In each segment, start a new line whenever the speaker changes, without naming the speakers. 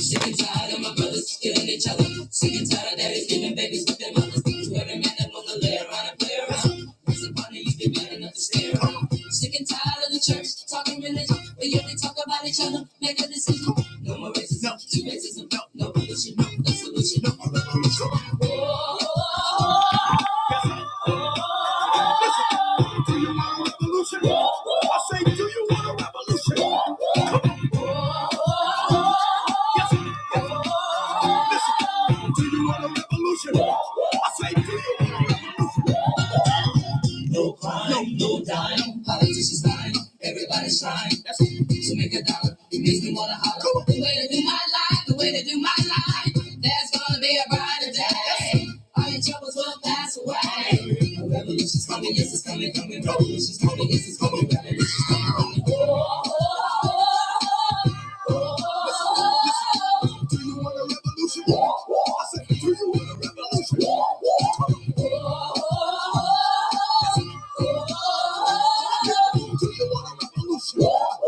Sick and tired of my brothers killing each other. Sick and tired of daddies giving babies to their mothers. To every man that wanna lay around and play around. Once upon a you'd be man enough to stay around. Sick and tired of the church talking religion, but yet they talk about each other. Make a decision. No more racism, no. two racism, no, no pollution, no, no solution, no more revolution. Whoa, whoa, whoa. Do you want a revolution? Whoa, whoa. I say, do you want a revolution? Whoa, whoa. Come on, yes, yes. Listen, do you want a revolution? I say, do you want a revolution? No crime, no dime. Politicians lying, everybody's trying to make a dollar. It makes me wanna holler. The way to do my life, the way to do my life. There's gonna be a brighter day. All your troubles will pass away. A revolution's coming, yes, it's coming, coming. Revolution's coming, yes, it's coming. Revolution's coming, coming. Oh, oh, oh. Do you want a revolution? I said, do you want a revolution? Do you want a revolution? I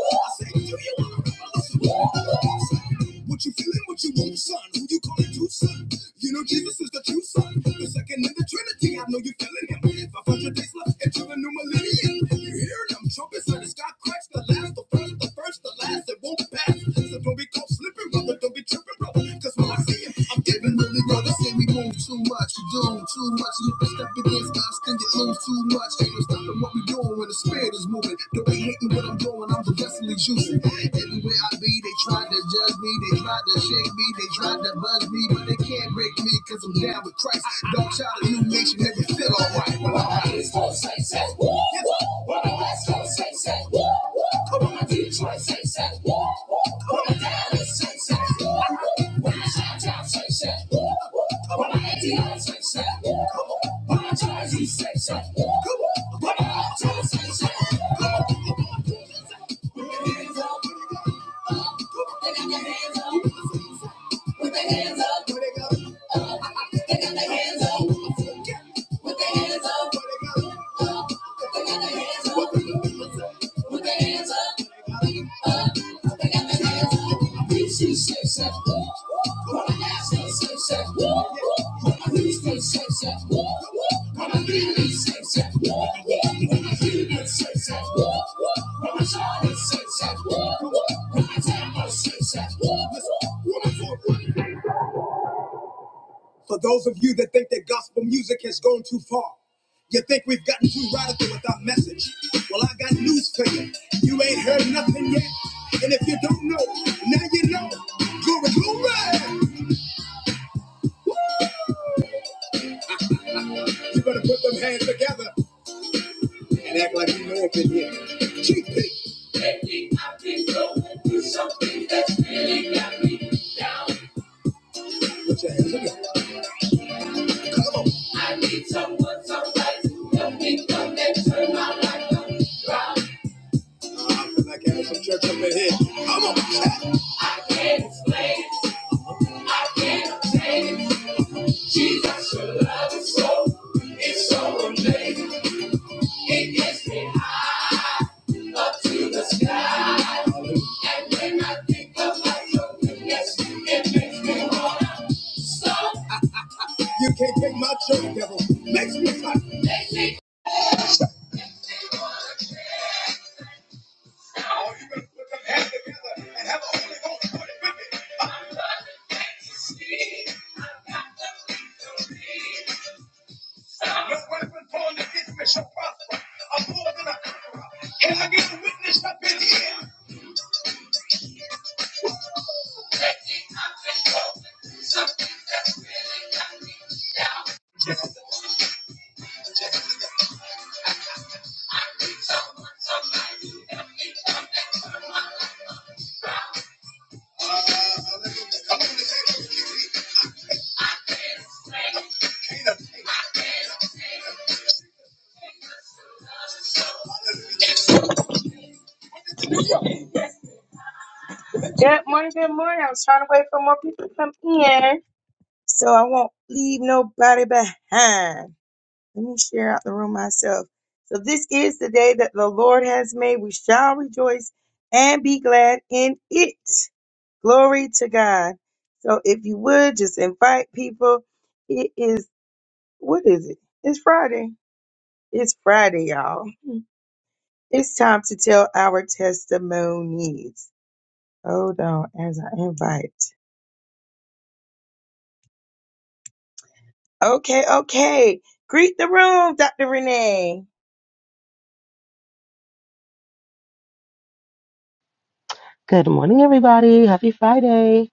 said, do you want a revolution? What you feeling? What you want, son? Who you calling true son? You know Jesus is the true son, the second in the Trinity. I know you feeling him. 500 days left into the new millennium. You hearing them trumpets? Let the sky cracks the last, the first, the first, the last. It won't pass. So don't be caught slipping brother, don't be tripping, brother. Cause when I see it, I'm giving really brother. Say we move too much, we doing too much. And if we step against us, then get lose too much. Ain't no stopping what we doing when the spirit is moving. Don't be hating what I'm doing, I'm the destiny choosing. Everywhere I be, they try to judge me, they try to shake me, they try to buzz me, but they can't break me, cause I'm down with Christ. Don't try to new nation, make me feel alright. Well, my East Coast, say, say, woo, woo. We're the West Coast, say, say, woo, woo. We're the Detroit, say, say, woo, woo. We're the Dallas, say, say, woo, woo. We're the Chi-Town, say, say, woo, woo. We're the ATL, say, say, woo, woo. We're the Jersey, say, say, woo, woo. We're the Uptown, say, say, woo, woo. Put your hands up, up. They got their hands up. Put their hands up. Up. They got their hands up. Put their hands up. Up. They got their hands up. Put their hands up. Up. They got their hands up. I preach to the safe sex. Woo. Woo. When I ask for the safe sex. Woo. Woo. When I reach for the safe sex. Woo. Woo. When I need the safe sex. Woo. Woo. When I feel the safe sex. Woo. Woo. When I shout the safe sex. Woo. Woo. When I tell the safe sex. Woo. Woo. For those of you that think that gospel music has gone too far, you think we've gotten too radical with our message. Well, I got news for you. You ain't heard nothing yet. And if you don't know, now you know. Glory, glory! You better put them hands together and act like you know up in here. GP. Lately, I've been going through something that's really got me down. Put your hands together. I need someone, somebody to help me come and turn my life around. I feel like some church up in here. Come on, chat. It's late. I can't obtain it. Jesus, your love is so, it's so amazing. It gets me high up to the sky. And when I think about your goodness, it makes me wanna stop. You can't take my joy, devil. Makes me hot. Makes me Good morning, good morning. I was trying to wait for more people to come in so I won't leave nobody behind. Let me share out the room myself. So this is the day that the Lord has made. We shall rejoice and be glad in it. Glory to God. So if you would just invite people, it is what is it? It's Friday. It's Friday, y'all. It's time to tell our testimonies. Hold on as I invite. Okay, okay. Greet the room, Dr. Renee.
Good morning, everybody. Happy Friday.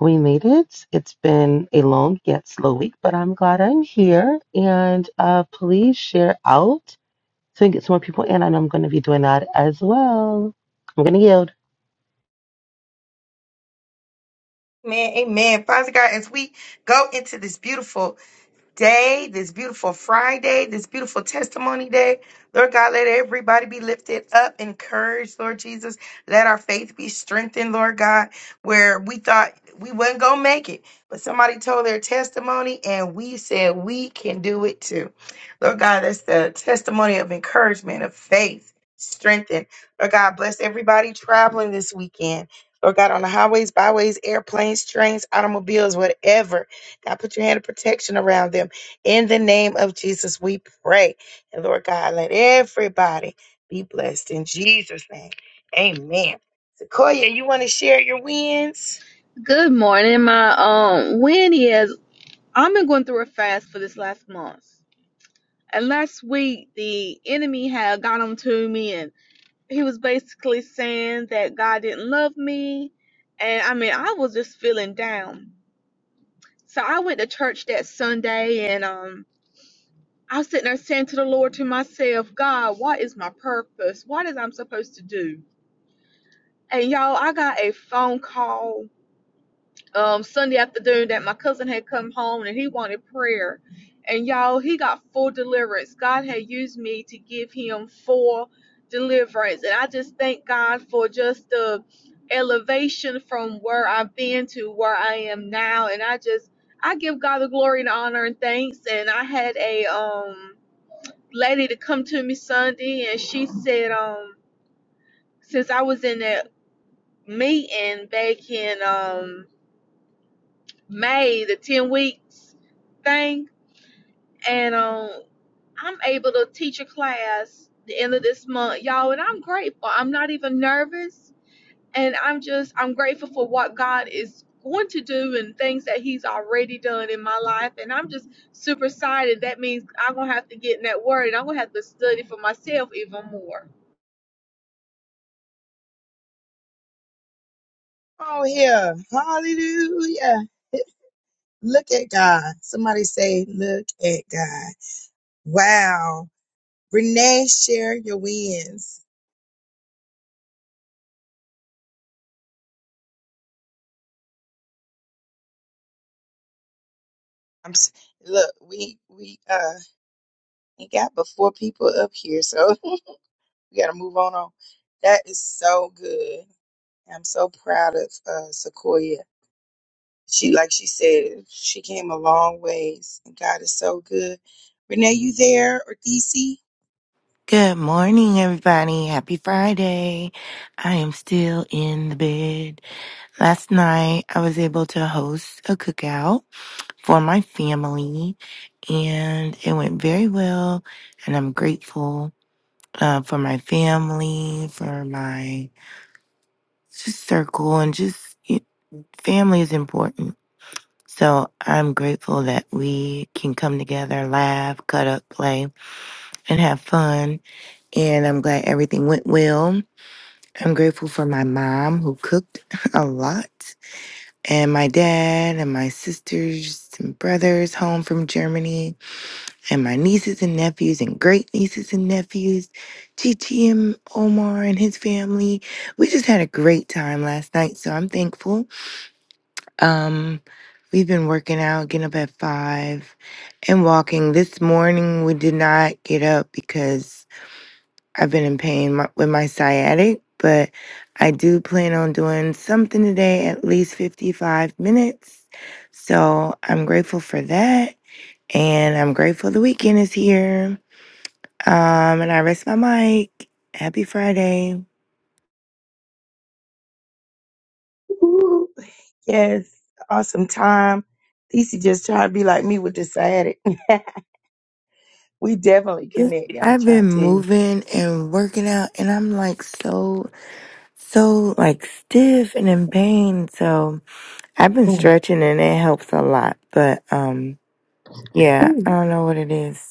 We made it. It's been a long yet slow week, but I'm glad I'm here. And uh, please share out so we can get some more people in. And I'm going to be doing that as well. I'm going to yield.
Man, amen. Father God, as we go into this beautiful day, this beautiful Friday, this beautiful testimony day. Lord God, let everybody be lifted up, encouraged, Lord Jesus. Let our faith be strengthened, Lord God, where we thought we wasn't going to make it, but somebody told their testimony and we said we can do it too. Lord God, that's the testimony of encouragement, of faith, strengthened. Lord God, bless everybody traveling this weekend. Lord God, on the highways, byways, airplanes, trains, automobiles, whatever. God, put your hand of protection around them. In the name of Jesus, we pray. And Lord God, let everybody be blessed in Jesus' name. Amen. Sequoia, you want to share your wins?
Good morning. My um win is I've been going through a fast for this last month. And last week the enemy had got on to me and he was basically saying that God didn't love me. And I mean I was just feeling down. So I went to church that Sunday and um I was sitting there saying to the Lord to myself, God, what is my purpose? What is I'm supposed to do? And y'all, I got a phone call um Sunday afternoon that my cousin had come home and he wanted prayer. And y'all, he got full deliverance. God had used me to give him full deliverance. And I just thank God for just the elevation from where I've been to where I am now. And I just I give God the glory and honor and thanks. And I had a um lady to come to me Sunday and she said um since I was in that meeting back in um May the 10 weeks thing. And um, I'm able to teach a class the end of this month, y'all, and I'm grateful. I'm not even nervous. And I'm just, I'm grateful for what God is going to do and things that He's already done in my life. And I'm just super excited. That means I'm going to have to get in that word and I'm going to have to study for myself even more.
Oh, yeah. Hallelujah. Look at God. Somebody say, Look at God. Wow. Renee, share your wins. I'm s- look, we we uh ain't got but four people up here, so we gotta move on. on. That is so good. I'm so proud of uh, Sequoia. She, like she said, she came a long ways, and God is so good. Renee, you there or DC?
Good morning, everybody. Happy Friday. I am still in the bed. Last night, I was able to host a cookout for my family, and it went very well. And I'm grateful uh, for my family, for my just circle, and just y- family is important. So I'm grateful that we can come together, laugh, cut up, play, and have fun. And I'm glad everything went well. I'm grateful for my mom who cooked a lot, and my dad, and my sisters and brothers home from Germany, and my nieces and nephews, and great nieces and nephews, Chichi and Omar and his family. We just had a great time last night, so I'm thankful. Um, we've been working out, getting up at five, and walking. This morning we did not get up because I've been in pain my, with my sciatic, but I do plan on doing something today, at least 55 minutes. So I'm grateful for that. And I'm grateful the weekend is here. Um, and I rest my mic. Happy Friday.
Ooh, yes, awesome time. DC just trying to be like me with this sciatic. we definitely
Yeah,
connected. I'm
I've
trying
been
to tell you.
moving and working out, and I'm like so, so like stiff and in pain. So I've been
Mm,
stretching, and it helps a lot. But um, yeah,
mm.
I don't know what it is.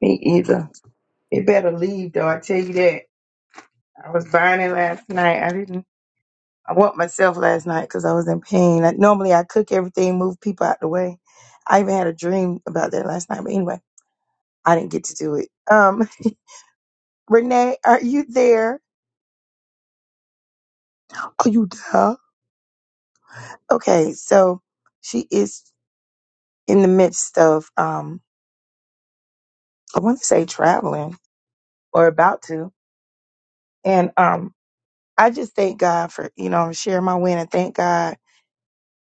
Me either. It better leave though. I tell you that. I was burning last night. I didn't. I want myself last night because I was in pain. I, normally I cook everything, move people out the way. I even had a dream about that last night. But anyway, I didn't get to do it. Um, Renee, are you there? Are you there? Okay, so she is in the midst of um, I want to say traveling or about to, and um, I just thank God for you know sharing my win and thank God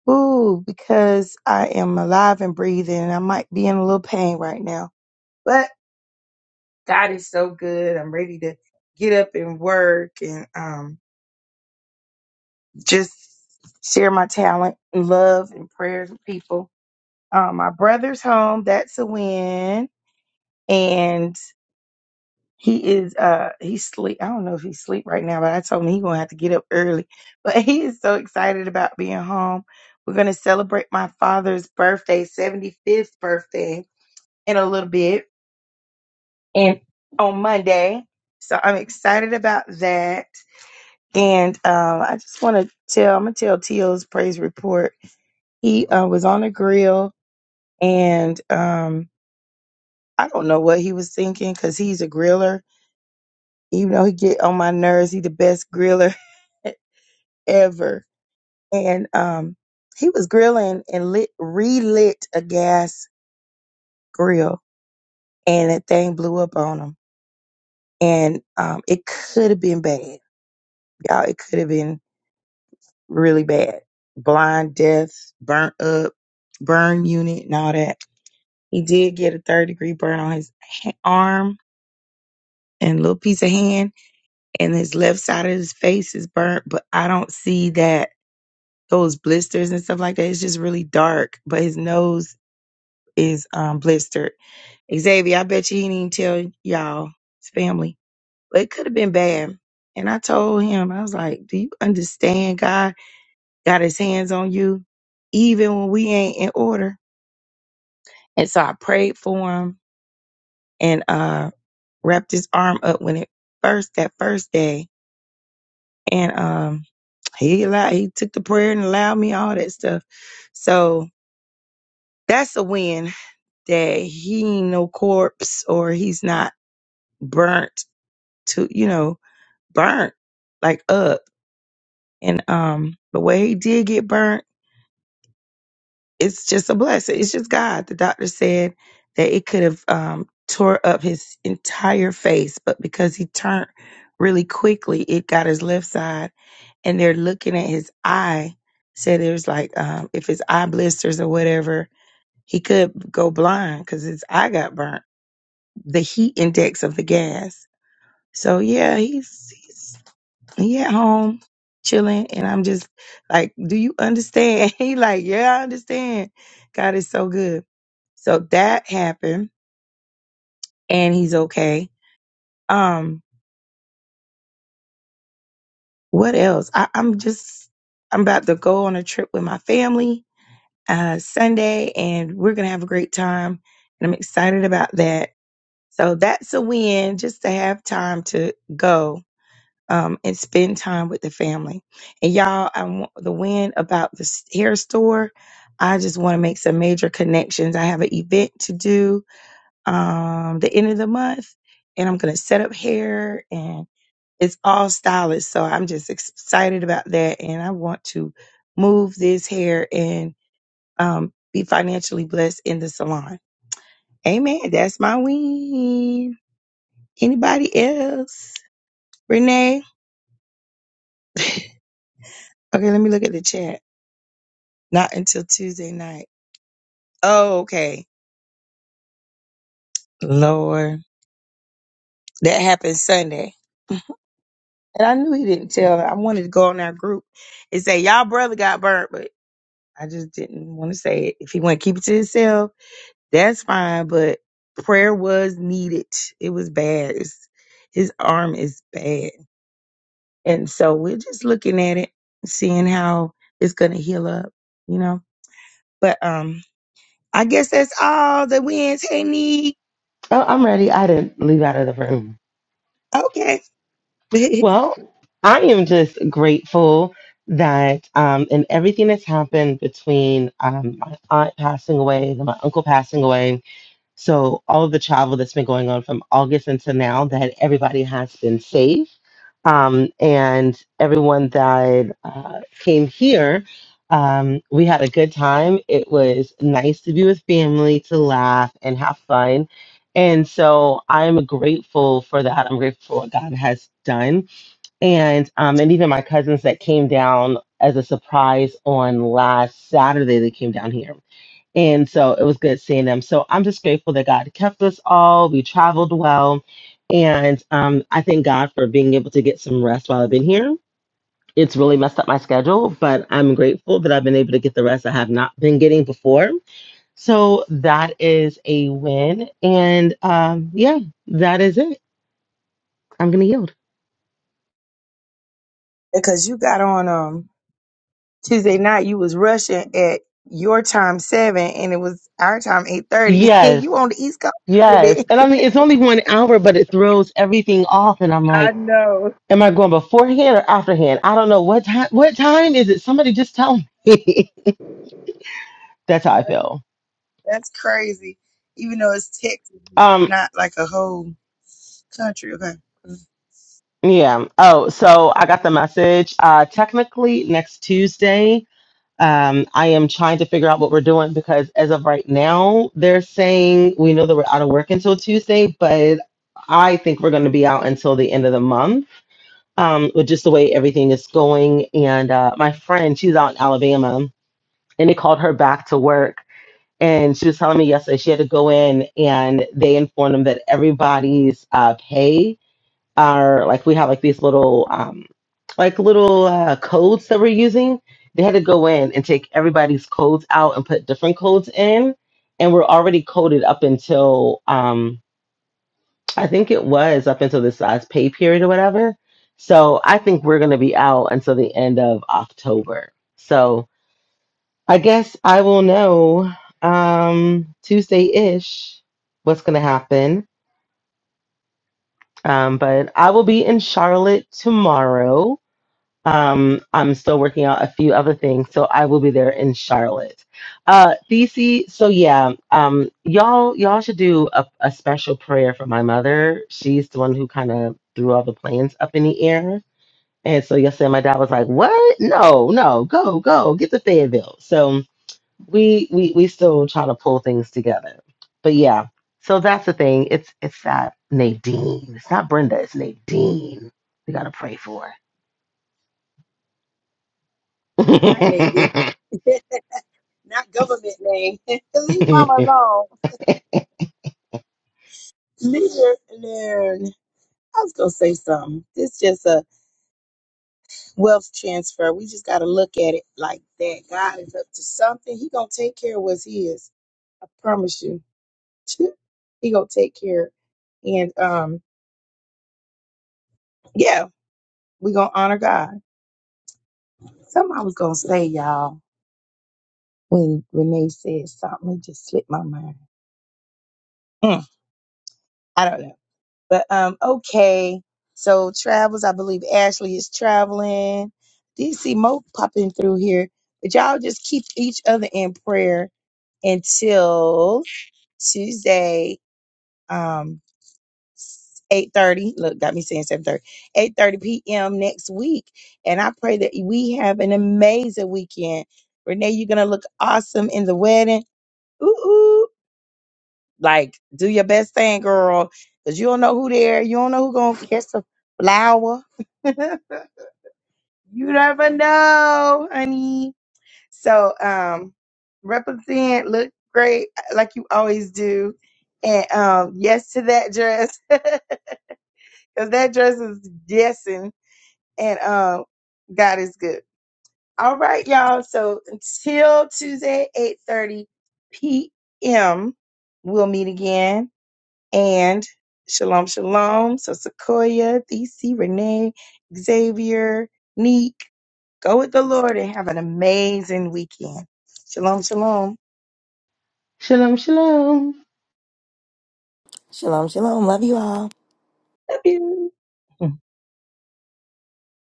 Ooh, because I am alive and breathing and I might be in a little pain right now. But God is so good. I'm ready to get up and work and um just share my talent and love and prayers with people. Um, my brother's home, that's a win. And he is uh he's sleep. I don't know if he's sleep right now, but I told him he's gonna have to get up early. But he is so excited about being home. We're gonna celebrate my father's birthday, 75th birthday in a little bit and on Monday. So I'm excited about that. And um, I just want to tell, I'm going to tell Teal's praise report. He uh, was on a grill and um, I don't know what he was thinking because he's a griller. Even though he get on my nerves, he the best griller ever. And um, he was grilling and lit, relit a gas grill and that thing blew up on him. And um, it could have been bad. Y'all, it could have been really bad. Blind, death, burnt up, burn unit, and all that. He did get a third degree burn on his ha- arm and little piece of hand, and his left side of his face is burnt, but I don't see that those blisters and stuff like that. It's just really dark, but his nose is um, blistered. Xavier, I bet you he didn't tell y'all, his family, but it could have been bad. And I told him, I was like, Do you understand, God? got his hands on you, even when we ain't in order. And so I prayed for him and uh wrapped his arm up when it first that first day. And um he allowed he took the prayer and allowed me all that stuff. So that's a win that he ain't no corpse or he's not burnt to you know, burnt like up. And um but where he did get burnt it's just a blessing. It's just God. The doctor said that it could have um, tore up his entire face, but because he turned really quickly, it got his left side, and they're looking at his eye. Said it was like um, if his eye blisters or whatever, he could go blind because his eye got burnt. The heat index of the gas. So yeah, he's he's he at home chilling, and I'm just like, do you understand? he like, yeah, I understand. God is so good. So that happened and he's okay. Um, what else? I, I'm just I'm about to go on a trip with my family uh Sunday and we're gonna have a great time and I'm excited about that. So that's a win just to have time to go um and spend time with the family. And y'all, I want the win about the s- hair store. I just want to make some major connections. I have an event to do um the end of the month and I'm going to set up hair and it's all stylish so I'm just excited about that and I want to move this hair and um be financially blessed in the salon. Amen. That's my win. Anybody else? Renee? Okay, let me look at the chat. Not until Tuesday night. Oh, okay. Lord. That happened Sunday. And I knew he didn't tell. her. I wanted to go on our group and say, Y'all brother got burnt, I just didn't want to say it. If he want to keep it to himself, that's fine. But prayer was needed. It was bad. It's, his arm is bad, and so we're just looking at it, seeing how it's gonna heal up, you know. But um, I guess that's all the wins. Hey, need
Oh, I'm ready. I didn't leave out of the room.
okay,
Well, I am just grateful that um, in everything that's happened between um, my aunt passing away, then my uncle passing away, So all of the travel that's been going on from August until now, that everybody has been safe, um, and everyone that uh, came here, um, we had a good time. It was nice to be with family, to laugh and have fun, and so I'm grateful for that. I'm grateful for what God has done, and um, and even my cousins that came down as a surprise on last Saturday, they came down here and so it was good seeing them. So I'm just grateful that God kept us all. We traveled well. And um, I thank God for being able to get some rest while I've been here. It's really messed up my schedule, but I'm grateful that I've been able to get the rest I have not been getting before. So that is a win. And um, yeah, that is it. I'm going to yield.
because you got on um Tuesday night. You was rushing at your time seven, and it was our time eight thirty, and
Yes.
you on the East Coast.
Yes.
baby.
And I mean, it's only one hour, but it throws everything off. And I'm like,
I know.
Am I going beforehand or afterhand? I don't know what time. What time is it? Somebody just tell me. That's how I feel.
That's crazy. Even though it's Texas,
Um,
not like a whole country. Okay.
yeah. Oh, so I got the message. Uh, technically, next Tuesday, um, I am trying to figure out what we're doing because as of right now, they're saying we know that we're out of work until Tuesday, but I think we're going to be out until the end of the month. Um, with just the way everything is going, and uh, my friend, she's out in Alabama, and they called her back to work and she was telling me yesterday she had to go in and they informed them that everybody's uh, pay are like we have like these little um, like little uh, codes that we're using. They had to go in and take everybody's codes out and put different codes in, and we're already coded up until um, I think it was up until this last pay period or whatever. So I think we're gonna be out until the end of October. So I guess I will know um, Tuesday ish what's going to happen. Um, but I will be in Charlotte tomorrow. Um, I'm still working out a few other things, so I will be there in Charlotte. Uh, DC, so yeah, um, y'all, y'all should do a, a special prayer for my mother. She's the one who kind of threw all the plans up in the air. And so yesterday, my dad was like, "What? No, no, go, go, get to Fayetteville." So we we we still try to pull things together. But yeah, so that's the thing. It's it's that Nadine. It's not Brenda. It's Nadine. We gotta pray for.
Not Nadine. not government name. Leave mama alone. Leave her alone. I was gonna say something. It's just a wealth transfer. We just gotta look at it like that. God is up to something. He gonna take care of what's his. I promise you. he gonna take care. And um, yeah, we gonna honor God. Something I was gonna say, y'all. when Renee said something, it just slipped my mind. Mm, I don't know. But um, okay. So travels, I believe Ashley is traveling. DC Mo popping through here. But y'all just keep each other in prayer until Tuesday, um, 8.30. Look, got me saying 7.30. 8.30 p.m. next week. And I pray that we have an amazing weekend. Renee, you're going to look awesome in the wedding. Ooh, Like, do your best thing, girl, because you don't know who there. You don't know who gonna catch the flower. you never know, honey. So, um, represent, look great uh, like you always do, and um, yes to that dress, because that dress is guessing, and um, God is good. All right, y'all. So until Tuesday, eight thirty p.m. We'll meet again. And shalom, shalom. So Sequoia, DC, Renee, Xavier, Neek, go with the Lord and have an amazing weekend. Shalom, shalom.
shalom, shalom.
Shalom, shalom. Love you all.
Love you.